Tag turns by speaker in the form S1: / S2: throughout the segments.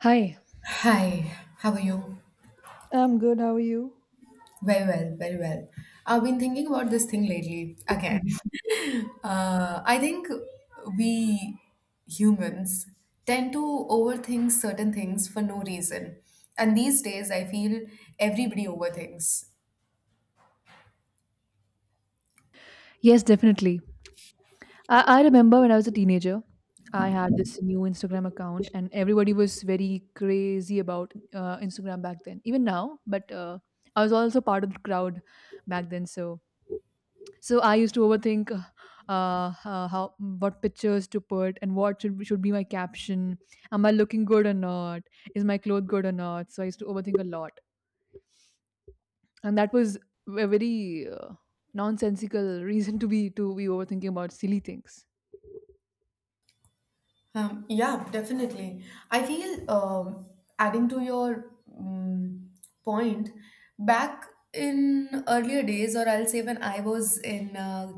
S1: Hi.
S2: Hi, how are you?
S1: I'm good. How are you?
S2: Very well, very well. I've been thinking about this thing lately again.
S1: Mhm.
S2: I think we humans tend to overthink certain things for no reason. And these days, I feel everybody overthinks.
S1: Yes, definitely. I remember when I was a teenager. I had this new Instagram account, and everybody was very crazy about Instagram back then. Even now, but I was also part of the crowd back then. So I used to overthink how what pictures to put and what should be my caption. Am I looking good or not? Is my clothes good or not? So I used to overthink a lot, and that was a very nonsensical reason to be overthinking about silly things.
S2: Yeah, definitely. I feel adding to your um, point, back in earlier days, or I'll say when I was in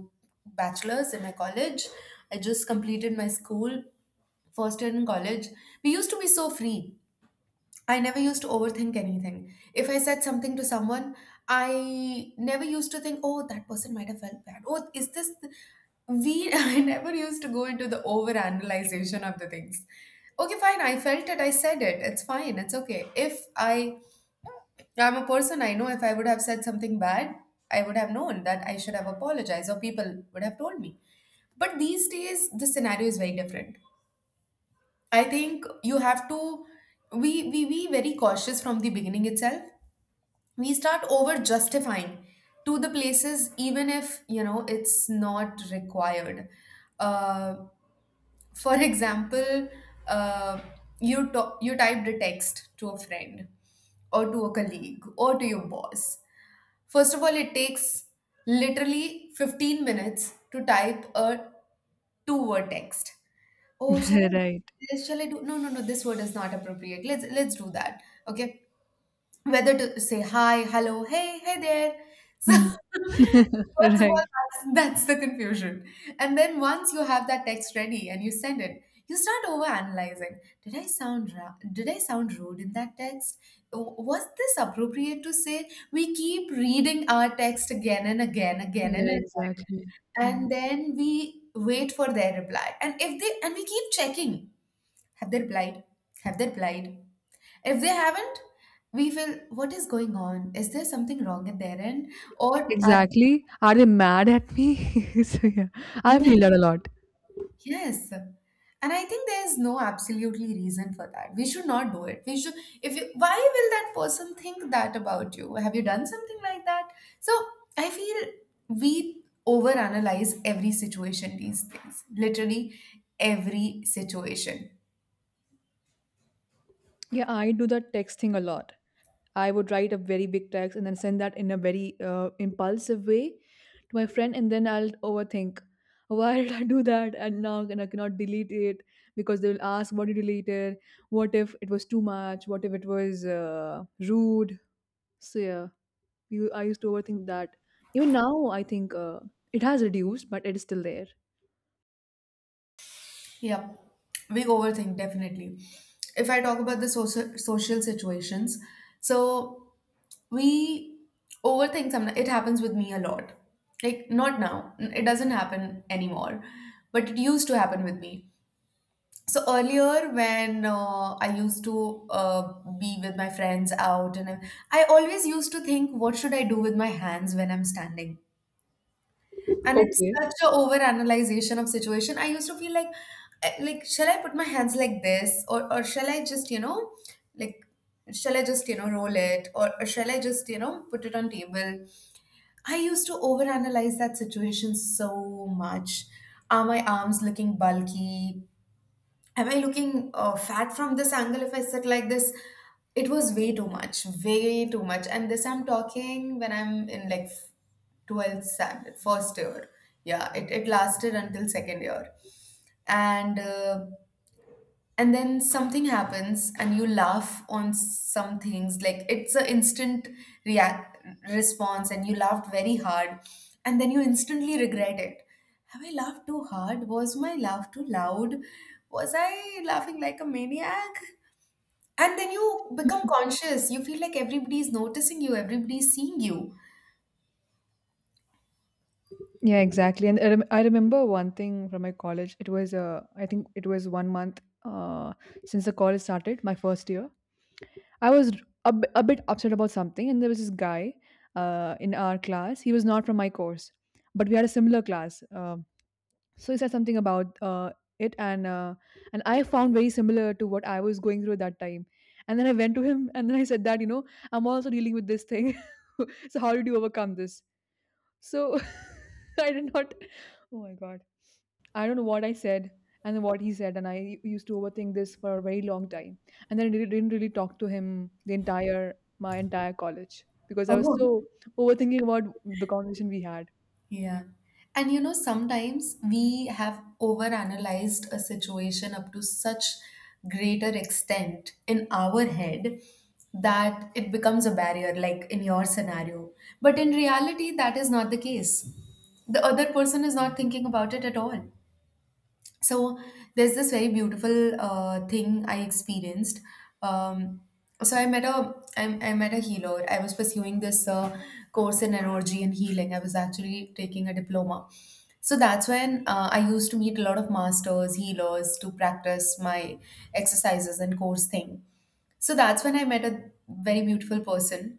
S2: bachelor's in my college, I just completed my school first year in college. We used to be so free. I never used to overthink anything. If I said something to someone, I never used to think, oh, that person might have felt bad. Oh, is this. I never used to go into the overanalyzation of the things. Okay, fine. I felt it. I said it. It's fine. It's okay. If I, I'm a person, I know if I would have said something bad, I would have known that I should have apologized or people would have told me. But these days, the scenario is very different. I think you have to, we be very cautious from the beginning itself. We start over justifying to the places even if you know it's not required, uh, for example, uh, you you typed a text to a friend or to a colleague or to your boss. First of all, it takes literally 15 minutes to type a two word text. Oh, shall I
S1: Right.
S2: do this? Shall I do, no, this word is not appropriate. Let's do that. Okay, whether to say hi, hello, hey, hey there. So
S1: Hmm.
S2: first of all,
S1: Right.
S2: that's the confusion. And then once you have that text ready and you send it, you start over analyzing. Did I sound did I sound rude in that text? Was this appropriate to say? We keep reading our text again and
S1: Yeah,
S2: again,
S1: exactly. Yeah.
S2: and then we wait for their reply. And if they and we keep checking, have they replied? Have they replied? If they haven't, we feel, what is going on? Is there something wrong at their end? Or are,
S1: Exactly. Are they mad at me? So yeah, I
S2: yeah,
S1: feel that a lot.
S2: yes. And I think there's no absolutely reason for that. We should not do it. We should if you Why will that person think that about you? Have you done something like that? So I feel we overanalyze every situation these days. Literally every situation.
S1: Yeah, I do that text thing a lot. I would write a very big text and then send that in a very impulsive way to my friend, and then I'll overthink. Why did I do that? And now and I cannot delete it because they will ask, "What did you delete it? What if it was too much? What if it was rude?" So yeah, I used to overthink that. Even now, I think it has reduced, but it is still there.
S2: Yeah, we overthink definitely. If I talk about the social situations, so we overthink. Sometimes it happens with me a lot, like not now, it doesn't happen anymore, but it used to happen with me. So earlier when I used to be with my friends out, and I always used to think, what should I do with my hands when I'm standing? And it's
S1: Okay.
S2: such a over of situation. I used to feel like like, shall I put my hands like this, or shall I just, you know, like, shall I just, you know, roll it, or shall I just, you know, put it on table. I used to overanalyze that situation so much. Are my arms looking bulky? Am I looking fat from this angle if I sit like this? It was way too much, way too much. And this I'm talking when I'm in like 12th standard, first year. Yeah, it lasted until second year. And uh, and then something happens and you laugh on some things, like it's an instant react response and you laughed very hard, and then you instantly regret it. Have I laughed too hard? Was my laugh too loud? Was I laughing like a maniac? And then you become conscious. You feel like everybody is noticing you, everybody is seeing you.
S1: Yeah, exactly. And I remember one thing from my college. It was, I think it was one month uh, since the college started, my first year. I was a bit upset about something, and there was this guy in our class. He was not from my course, but we had a similar class. So he said something about it, and I found very similar to what I was going through at that time. And then I went to him, and then I said that I'm also dealing with this thing. So how did you overcome this? So I did not. Oh my god. I don't know what I said and what he said, and used to overthink this for a very long time. And then I didn't really talk to him the entire my entire college because I was
S2: Oh,
S1: so overthinking about the conversation we had.
S2: yeah. And you know, sometimes we have overanalyzed a situation up to such greater extent in our head that it becomes a barrier, like in your scenario. But in reality, that is not the case. The other person is not thinking about it at all. So there's this very beautiful thing I experienced. Um, so I met a, I met a healer. I was pursuing this course in energy and healing. I was actually taking a diploma. So that's when I used to meet a lot of masters, healers to practice my exercises and course thing. So that's when I met a very beautiful person.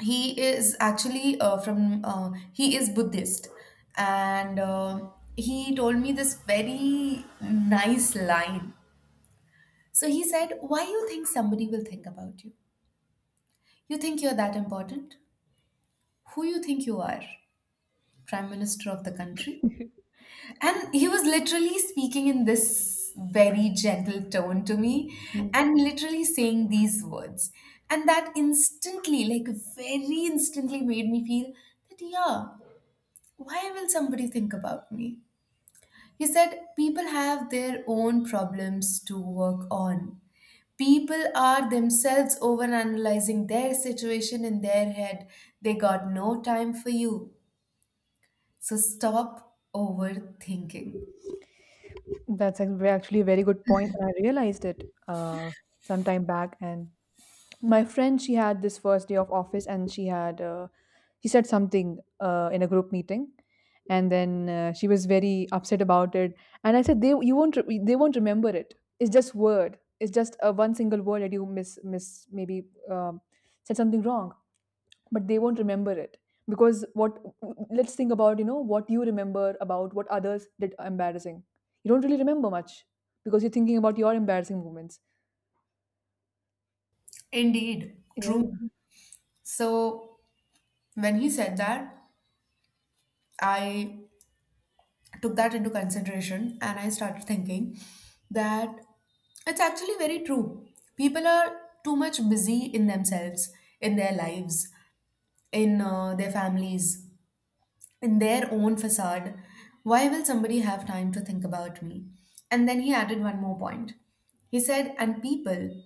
S2: He is actually from he is Buddhist. And He told me this very nice line. So he said, why you think somebody will think about you? You think you're that important? Who you think you are, prime minister of the country? And he was literally speaking in this very gentle tone to me,
S1: Mm.
S2: and literally saying these words. And that instantly, like very instantly, made me feel that, yeah, why will somebody think about me? He said, people have their own problems to work on. People are themselves overanalyzing their situation in their head. They got no time for you. So stop overthinking.
S1: Actually a very good point. I realized it some time back, and my friend she had this first day of office, and she had he said something in a group meeting. And then she was very upset about it. And I said, they won't remember it. It's just a one single word that you miss maybe um, said something wrong, but they won't remember it. Because what let's think about what you remember about what others did embarrassing. You don't really remember much, because you're thinking about your embarrassing moments.
S2: Indeed,
S1: Yeah.
S2: true. So when he said that, I took that into consideration and I started thinking that it's actually very true. People are too much busy in themselves, in their lives, in their families, in their own facade. Why will somebody have time to think about me? And then he added one more point. He said, and people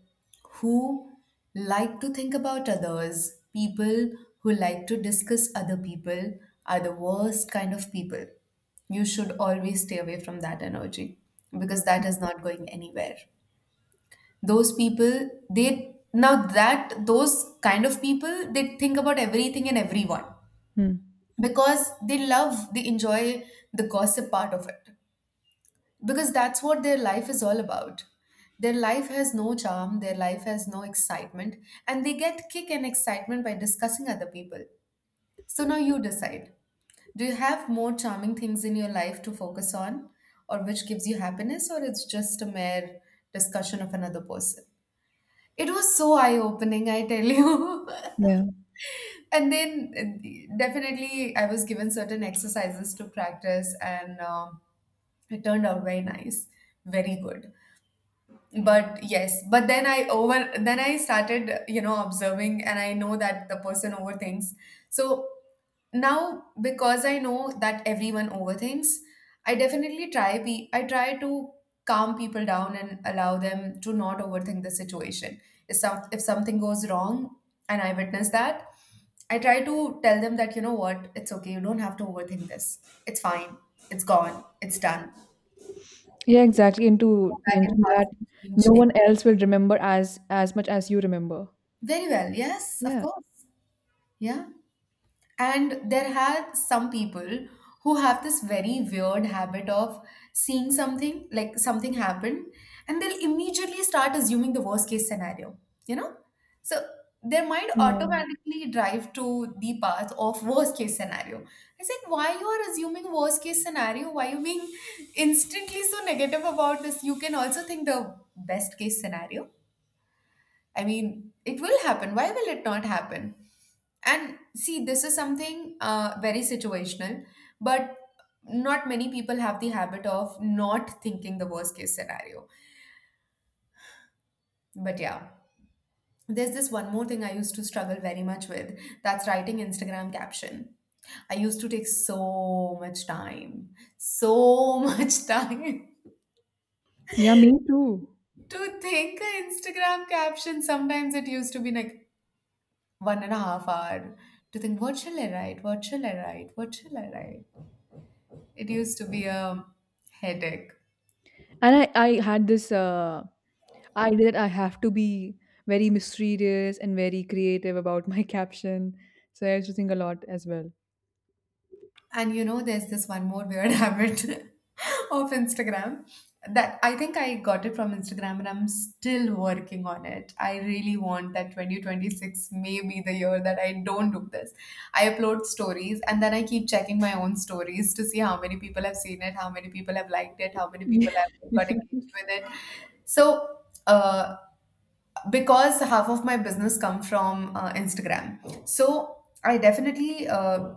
S2: who like to think about others, people who like to discuss other people, are the worst kind of people. You should always stay away from that energy because that is not going anywhere. Those people, they now that those kind of people, they think about everything and everyone
S1: Hmm.
S2: because they love, they enjoy the gossip part of it. Because that's what their life is all about. Their life has no charm, their life has no excitement, and they get kick and excitement by discussing other people. So now you decide. Do you have more charming things in your life to focus on, or which gives you happiness, or it's just a mere discussion of another person? It was so eye opening, I tell you.
S1: Yeah.
S2: And then definitely, I was given certain exercises to practice, and um, it turned out very nice, very good. But yes, but then I over then I started, you know, observing, and I know that the person overthinks. So now because I know that everyone overthinks, I definitely try pe I try to calm people down and allow them to not overthink the situation. If something goes wrong and I witness that, I try to tell them that, you know what, it's okay, you don't have to overthink this. It's fine. It's gone. It's done. Go
S1: Yeah, exactly. And to
S2: back and
S1: mention
S2: past
S1: that
S2: and change
S1: no
S2: it.
S1: one else will remember as much as you remember.
S2: Very well, yes, of
S1: Yeah.
S2: course. Yeah. And there are some people who have this very weird habit of seeing something, like something happen, and they'll immediately start assuming the worst case scenario, you know? So their mind
S1: Yeah.
S2: automatically drive to the path of worst case scenario. I said, why you are assuming worst case scenario? Why you being instantly so negative about this? You can also think the best case scenario. I mean, it will happen. Why will it not happen? And see, this is something very situational, but not many people have the habit of not thinking the worst case scenario. But yeah, there's this one more thing I used to struggle very much with, that's writing Instagram caption. I used to take so much time, so much time
S1: Yeah, me too.
S2: to think an Instagram caption. Sometimes it used to be like 1.5 hours to think, what shall I write? What shall I write? What shall I write? It used to be a headache.
S1: And I had this idea that I have to be very mysterious and very creative about my caption. So I used to think a lot as well.
S2: And you know, there's this one more weird habit of Instagram that I think I got it from Instagram, and I'm still working on it. I really want that 2026 may be the year that I don't do this. I upload stories and then I keep checking my own stories to see how many people have seen it, how many people have liked it, how many
S1: Yeah.
S2: people have got engaged with it. So, uh, because half of my business come from Instagram. So I definitely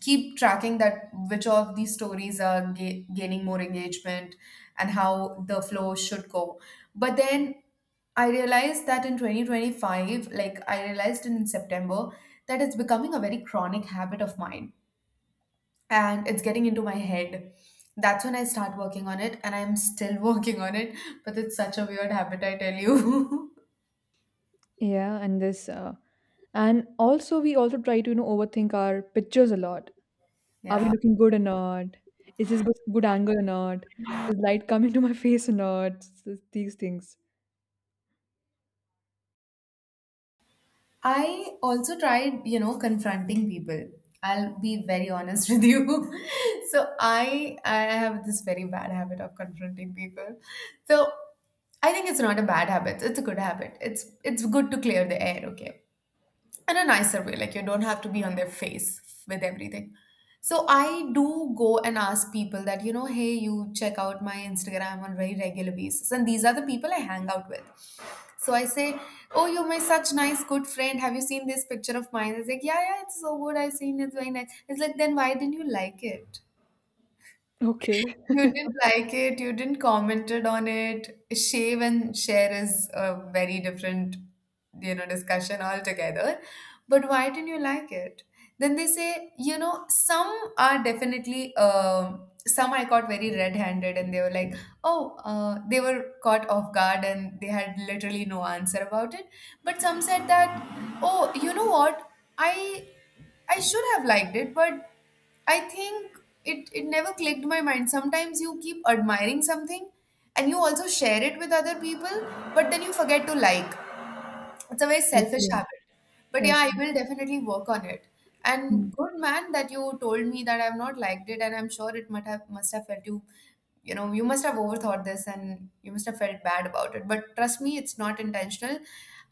S2: keep tracking that which of these stories are gaining more engagement and how the flow should go. But then I realized that in 2025, like I realized in September, that it's becoming a very chronic habit of mine, and it's getting into my head. That's when I start working on it, and I'm still working on it, but it's such a weird habit, I tell you.
S1: Yeah, and also we also try to overthink our pictures a lot. Are we
S2: yeah.
S1: looking good or not? Is this good angle or not? Is light coming to my face or not? These things.
S2: I also tried, you know, confronting people. I'll be very honest with you. So I have this very bad habit of confronting people. So I think it's not a bad habit. It's a good habit. It's good to clear the air, okay? In a nicer way, like you don't have to be on their face with everything. So I do go and ask people that, hey, you check out my Instagram on very regular basis, and these are the people I hang out with. So I say, oh, you're my such nice good friend, have you seen this picture of mine? It's like, yeah, yeah, it's so good, I've seen it, it's very nice. It's like, then why didn't you like it?
S1: Okay.
S2: You didn't like it, you didn't commented on it. Shave and share is a very different, you know, discussion altogether. But why didn't you like it? Then they say, you know, some are definitely, some I caught very red-handed, and they were like, oh, they were caught off guard, and they had literally no answer about it. But some said that, oh, you know what? I I should have liked it, but I think it never clicked my mind. Sometimes you keep admiring something and you also share it with other people, but then you forget to like. It's a very selfish
S1: Okay.
S2: habit. But yeah, I
S1: Okay.
S2: will definitely work on it. And good man that you told me that I've not liked it, and I'm sure it must have felt you, you know, you must have overthought this and you must have felt bad about it. But trust me, it's not intentional.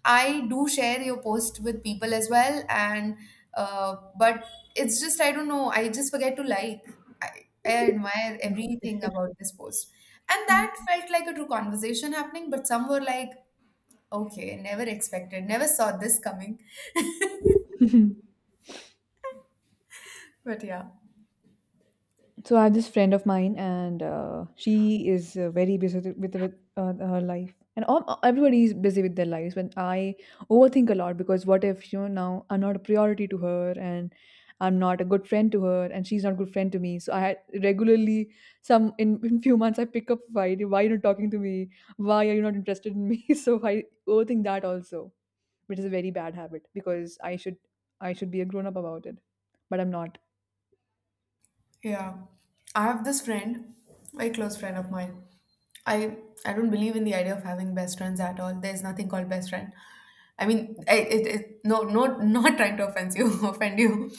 S2: I do share your post with people as well, and but it's just I don't know. I just forget to like. I, I admire everything about this post, and
S1: Mm.
S2: that felt like a true conversation happening. But some were like, okay, never expected, never saw this coming. But yeah,
S1: So I have this friend of mine, and she is very busy with, her life, and all, everybody is busy with their lives. When I overthink a lot because what if now I'm not a priority to her, and I'm not a good friend to her, and she's not a good friend to me. So I had regularly some in few months I pick up fight. Why you're not talking to me? Why are you not interested in me? So I overthink that also, which is a very bad habit because I should be a grown up about it, but I'm not.
S2: yeah. I have this friend, very close friend of mine. I I don't believe in the idea of having best friends at all. There's nothing called best friend. I mean, no, no, not trying to offend you, offend you.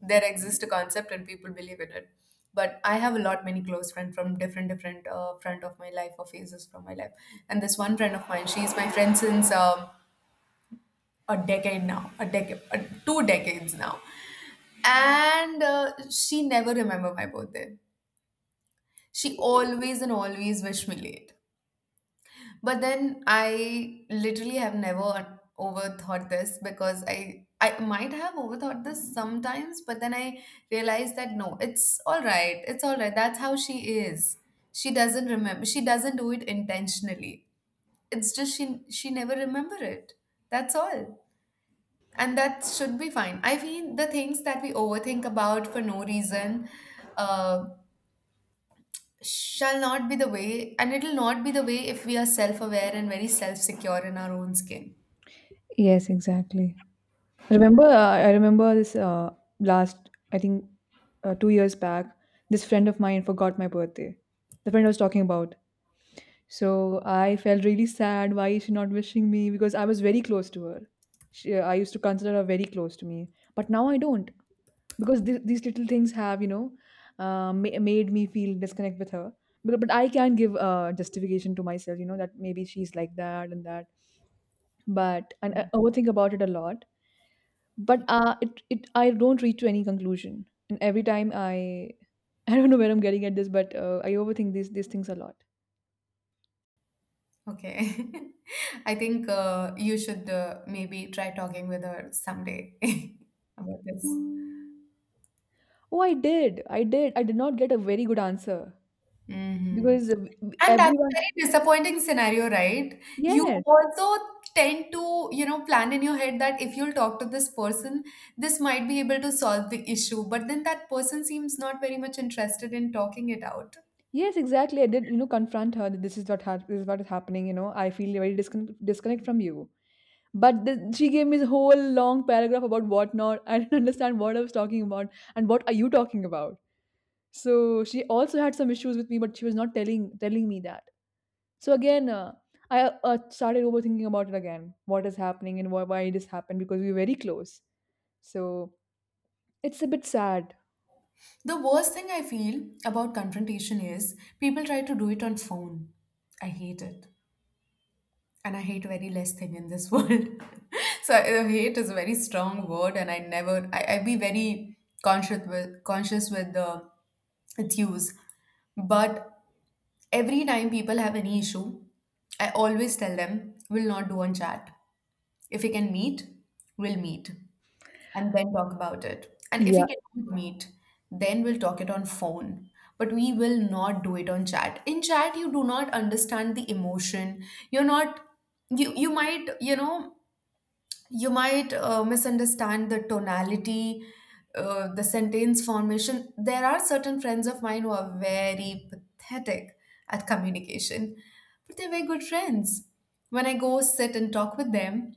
S2: There exists a concept and people believe in it. But I have a lot many close friends from different different front of my life or phases from my life. And this one friend of mine, she's my friend since a decade now, a decade, 2 decades now. And she never remember my birthday. She always and always wish me late. But then I literally have never overthought this, because I might have overthought this sometimes, but then I realized that no, it's all right, it's all right, that's how she is. She doesn't remember, she doesn't do it intentionally. It's just she never remember it, that's all. And that should be fine. I mean, the things that we overthink about for no reason, uh, shall not be the way, and it'll not be the way if we are self aware and very self secure in our own skin.
S1: Yes, exactly. I remember this last, I think, 2 years back, this friend of mine forgot my birthday. The friend I was talking about. So I felt really sad. Why is she not wishing me? Because I was very close to her. I used to consider her very close to me. But now I don't. Because these little things have, made me feel disconnect with her. But I can give justification to myself, that maybe she's like that and that. But and I overthink about it a lot, but it, it I don't reach to any conclusion. And every time I I don't know where I'm getting at this, but I overthink these things a lot.
S2: Okay. I think you should maybe try talking with her someday about this.
S1: Oh, I did not get a very good answer
S2: Hmm.
S1: because
S2: And that's a
S1: everyone...
S2: very disappointing scenario, right? You
S1: Yes,
S2: also tend to, you know, plan in your head that if you'll talk to this person, this might be able to solve the issue. But then that person seems not very much interested in talking it out.
S1: yes, exactly. I did, confront her that this is what this is what is happening. I feel very disconnect from you. But she gave me this whole long paragraph about what not. I didn't understand what I was talking about and what are you talking about. So she also had some issues with me, but she was not telling me that. So again, I started overthinking about it again. What is happening and why it has happened, because we were very close. So it's a bit sad.
S2: The worst thing I feel about confrontation is people try to do it on phone. I hate it. And I hate very less thing in this world. So hate is a very strong word, and I never I be very conscious with the its use. But every time people have any issue, I always tell them we'll not do on chat. If we can meet, we'll meet and then talk about it. And if we
S1: Yeah.
S2: cannot meet, then we'll talk it on phone. But we will not do it on chat. In chat, you do not understand the emotion. You're not, you you might, you know, you might misunderstand the tonality, the sentence formation. There are certain friends of mine who are very pathetic at communication, but they're very good friends. When I go sit and talk with them,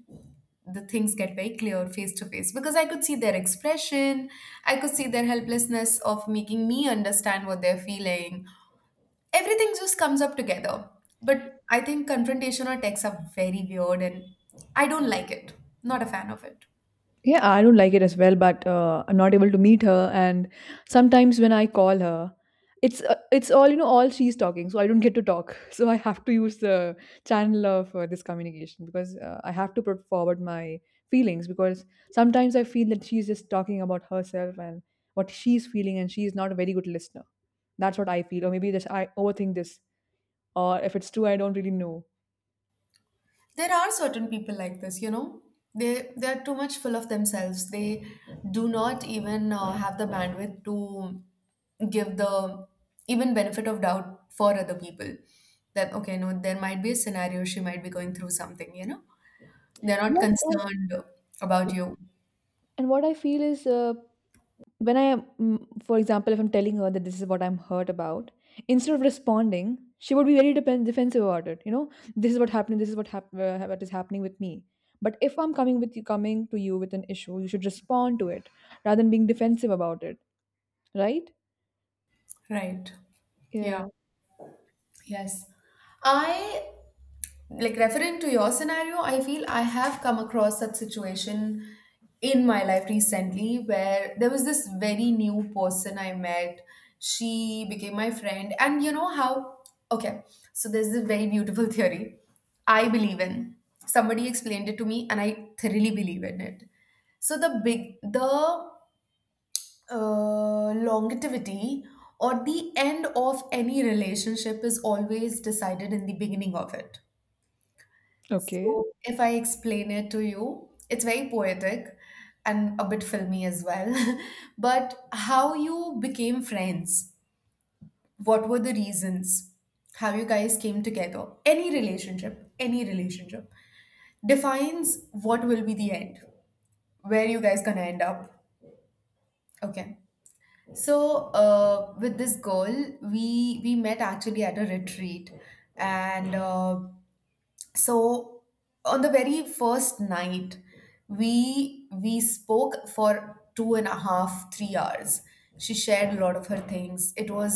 S2: the things get very clear face to face because I could see their expression, I could see their helplessness of making me understand what they're feeling, everything just comes up together. But I think confrontation or texts are very weird, and I don't like it. Not a fan of it.
S1: Yeah, I don't like it as well, but I'm not able to meet her. And sometimes when I call her, it's all, all she's talking, so I don't get to talk. So I have to use the channel of this communication, because I have to put forward my feelings, because sometimes I feel that she's just talking about herself and what she's feeling, and she's not a very good listener. That's what I feel, or maybe this I overthink this, or if it's true, I don't really know.
S2: There are certain people like this, you know. They are too much full of themselves. They do not even have the bandwidth to give the even benefit of doubt for other people. That okay, no, there might be a scenario she might be going through something, you know. They're not
S1: Yes, and
S2: concerned about you.
S1: what I feel is when I am, for example, if I'm telling her that this is what I'm hurt about, instead of responding, she would be very defensive about it. You know, this is what happened. This is what what is happening with me. But if I'm coming with you, coming to you with an issue, you should respond to it rather than being defensive about it, right?
S2: Right. Yeah.
S1: Yeah.
S2: Yes. I, like referring to your scenario, I feel I have come across such situation in my life recently, where there was this very new person I met, she became my friend, and you know how. Okay. So there's this very beautiful theory I believe in, somebody explained it to me, and I thoroughly believe in it. So the longevity or the end of any relationship is always decided in the beginning of it.
S1: Okay.
S2: So, if I explain it to you, it's very poetic and a bit filmy as well. But how you became friends? What were the reasons? How you guys came together? Any relationship defines what will be the end, where you guys gonna end up. Okay. So, with this girl, we met actually at a retreat, and so on the very first night we spoke for two and a half three hours. She shared a lot of her things. It was,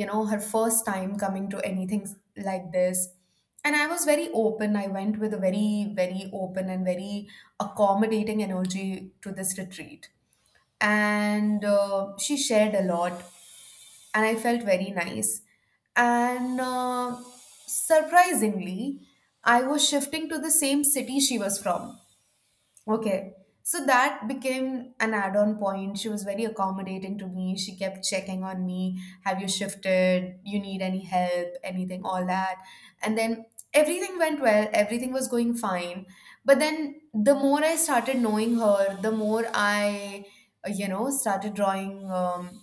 S2: you know, her first time coming to anything like this, and I was very open. I went with a very very open and very accommodating energy to this retreat, and she shared a lot, and I felt very nice. And surprisingly, I was shifting to the same city she was from. Okay. So that became an add on point. She was very accommodating to me. She kept checking on me. Have you shifted? You need any help? Anything? All that. And then everything went well. Everything was going fine. But then the more I started knowing her, the more I, you know, started drawing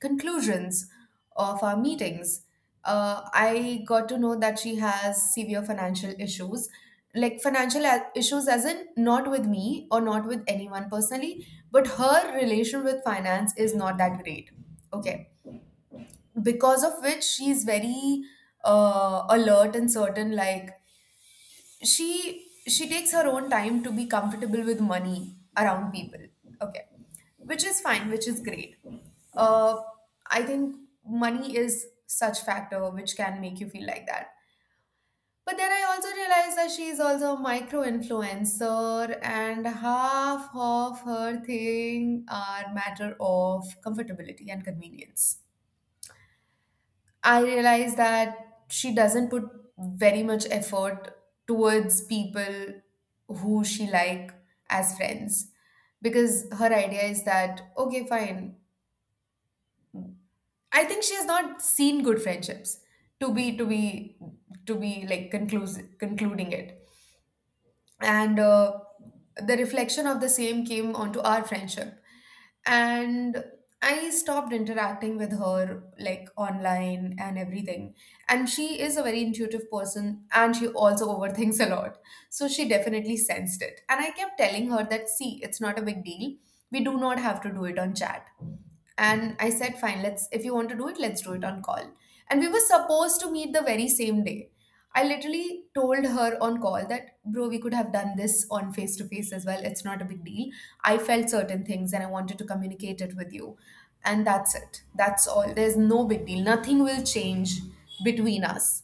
S2: conclusions of our meetings. I got to know that she has severe financial issues, like financial a- issues, as in not with me or not with anyone personally, but her relation with finance is not that great. Okay. Because of which she's very alert and certain, like, she takes her own time to be comfortable with money around people. Okay. Which is fine, which is great. Uh i think money is such factor which can make you feel like that. But then I also realized that she is also a micro influencer and half of her thing are matter of comfortability and convenience. I realize that she doesn't put very much effort towards people who she like as friends. Because her idea is that okay fine, I think she has not seen good friendships to be to be to be like conclusive concluding it. And the reflection of the same came onto our friendship, and I stopped interacting with her like online and everything. And she is a very intuitive person, and she also overthinks a lot. So she definitely sensed it, and I kept telling her that see, it's not a big deal, we do not have to do it on chat. And I said fine, let's, if you want to do it, let's do it on call. And we were supposed to meet the very same day. I literally told her on call that, bro, we could have done this on face to face as well. It's not a big deal. I felt certain things and I wanted to communicate it with you. And that's it. That's all. There's no big deal. Nothing will change between us.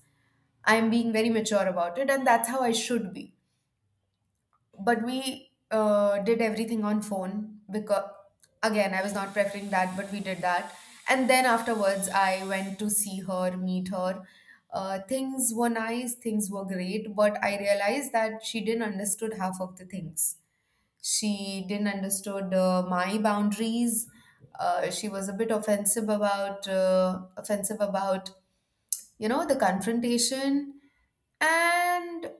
S2: I'm being very mature about it, and that's how I should be. But we did everything on phone, because again I was not preferring that, but we did that. And then afterwards I went to see her, meet her. Things were nice, things were great, but I realized that she didn't understood half of the things. She didn't understood my boundaries. She was a bit offensive about you know the confrontation. And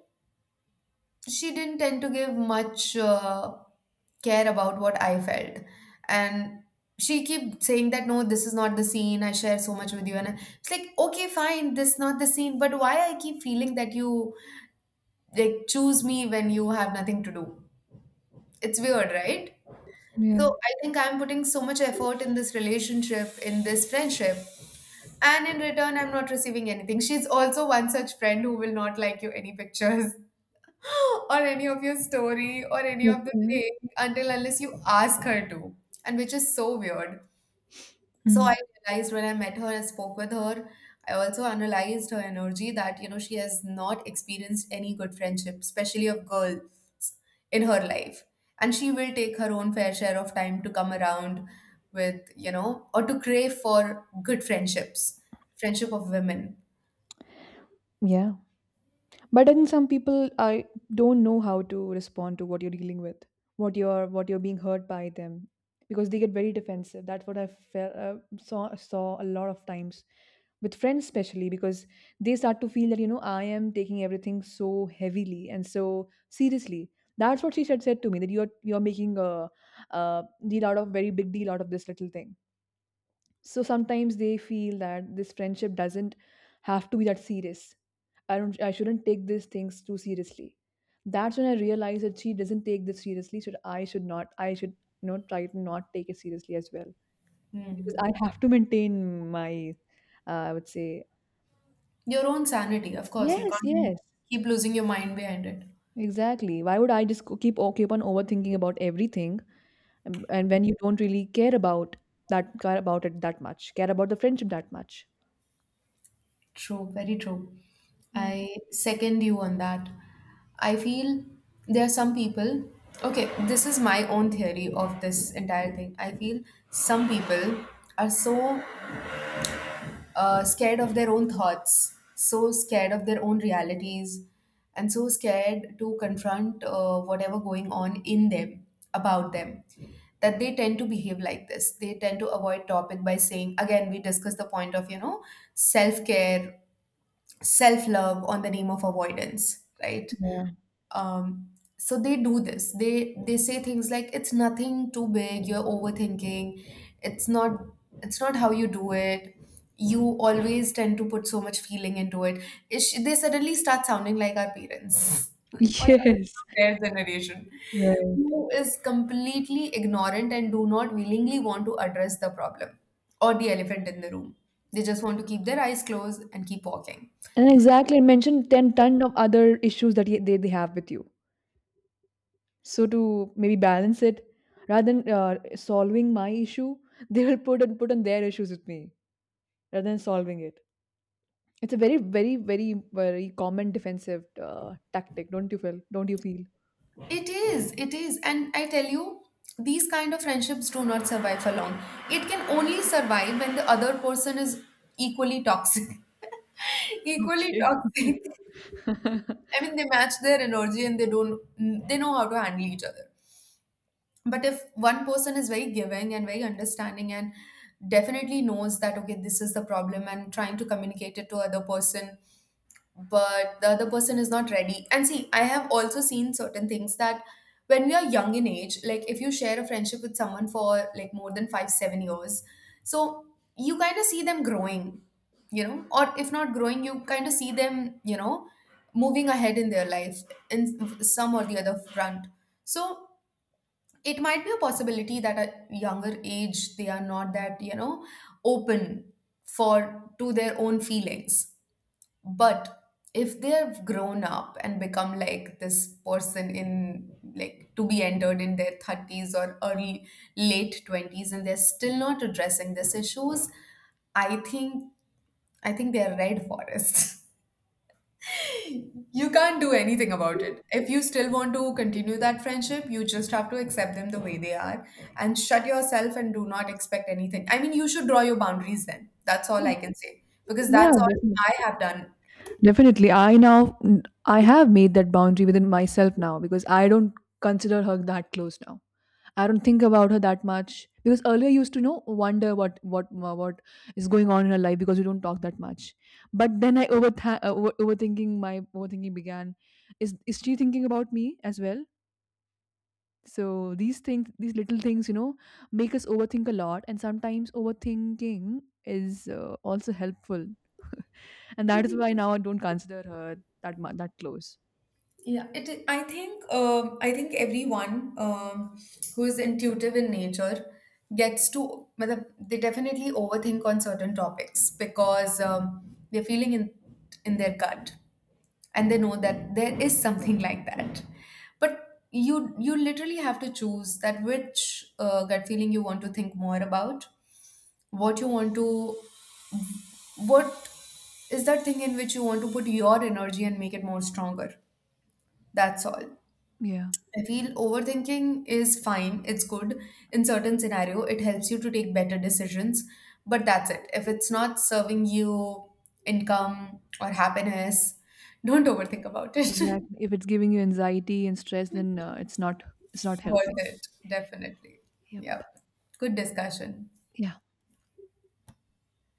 S2: she didn't tend to give much care about what I felt. And she keep saying that no, this is not the scene. I share so much with you, and it's like okay, fine, this is not the scene. But why I keep feeling that you like choose me when you have nothing to do? It's weird, right?
S1: Yeah.
S2: So I think I'm putting so much effort in this relationship, in this friendship, and in return, I'm not receiving anything. She's also one such friend who will not like you any pictures or any of your story or any of the
S1: Okay.
S2: thing until unless you ask her to, and which is so weird. So
S1: Hmm.
S2: I realized when I met her and spoke with her, I also analyzed her energy that she has not experienced any good friendship, especially of girls in her life. And she will take her own fair share of time to come around with, or to crave for good friendships, friendship of women.
S1: Yeah. But then some people, I don't know how to respond to what you're dealing with, what you're, what you're being hurt by them, because they get very defensive. That's what I saw a lot of times with friends, especially because they start to feel that I am taking everything so heavily and so seriously. That's what she said to me, that you're making a deal out of very big deal out of this little thing. So sometimes they feel that this friendship doesn't have to be that serious. I shouldn't take these things too seriously. That's when I realized that she doesn't take this seriously, so I should not I should you know try to not take it seriously as well.
S2: Hmm.
S1: Because I have to maintain my I would say...
S2: Your own sanity, of course, you
S1: Yes,
S2: can't
S1: yes,
S2: keep losing your mind behind it.
S1: exactly. Why would I just go- keep o- keep on overthinking about everything? And when you don't really care about that care about it that much, care about the friendship that much.
S2: True, very true.
S1: Yeah.
S2: I second you on that. I feel there are some people, okay, this is my own theory of this entire thing. I feel some people are so scared of their own thoughts, so scared of their own realities, and so scared to confront whatever going on in them, about them, that they tend to behave like this. They tend to avoid topic by saying, again, we discuss the point of, self care self love on the name of avoidance, right?
S1: Yeah.
S2: Um, so they do this. They say things like it's nothing too big. You're overthinking. It's not it's not how you do it. You always tend to put so much feeling into it. They suddenly start sounding like our parents or somebody
S1: Yes.
S2: from their generation
S1: Right.
S2: who is completely ignorant and do not willingly want to address the problem or the elephant in the room. They just want to keep their eyes closed and keep walking.
S1: And exactly, and mention 10 ton of other issues that they have with you. So to maybe balance it, rather than solving my issue, they will put on their issues with me rather than solving it. It's a very, very, very, very common defensive tactic. Don't you feel? Don't you feel?
S2: It is, it is. And I tell you, these kind of friendships do not survive for long. It can only survive when the other person is equally toxic. Equally
S1: Okay.
S2: toxic. I mean, they match their energy and they don't, they know how to handle each other. But if one person is very giving and very understanding and definitely knows that, okay, this is the problem and trying to communicate it to other person but the other person is not ready. And see, I have also seen certain things that when we are young in age, like if you share a friendship with someone for like more than 5, 7 years, so you kind of see them growing, or if not growing, you kind of see them, moving ahead in their life in some or the other front. So it might be a possibility that at younger age they are not that, open for to their own feelings but if they've grown up and become like this person in like to be entered in their 30s or early late 20s and they're still not addressing these issues, I think I think they're red forest. You can't do anything about it. If you still want to continue that friendship, you just have to accept them the way they are and shut yourself and do not expect anything. I mean, you should draw your boundaries then. That's all I can say because
S1: Yeah,
S2: that's all
S1: definitely.
S2: I have done.
S1: Definitely. I have made that boundary within myself now because I don't consider her that close now. I don't think about her that much because earlier I used to wonder what is going on in her life, because we don't talk that much. But then I overth- over overthinking my overthinking began. Is she thinking about me as well? So these things, these little things, make us overthink a lot, and sometimes overthinking is also helpful. And that is why now I don't consider her that close.
S2: Yeah, I think. I think everyone who is intuitive in nature gets to. मतलब, they definitely overthink on certain topics because they're feeling in their gut, and they know that there is something like that. But you literally have to choose that which gut feeling you want to think more about, what you want to, what is that thing in which you want to put your energy and make it more stronger that's all.
S1: Yeah,
S2: I feel overthinking is fine, it's good. In certain scenario, it helps you to take better decisions, but that's it. If it's not serving you income or happiness, don't overthink about it.
S1: exactly. If it's giving you anxiety and stress, then it's not
S2: Worth
S1: helping.
S2: it, definitely. Yep.
S1: Yep.
S2: Good discussion.
S1: Yeah.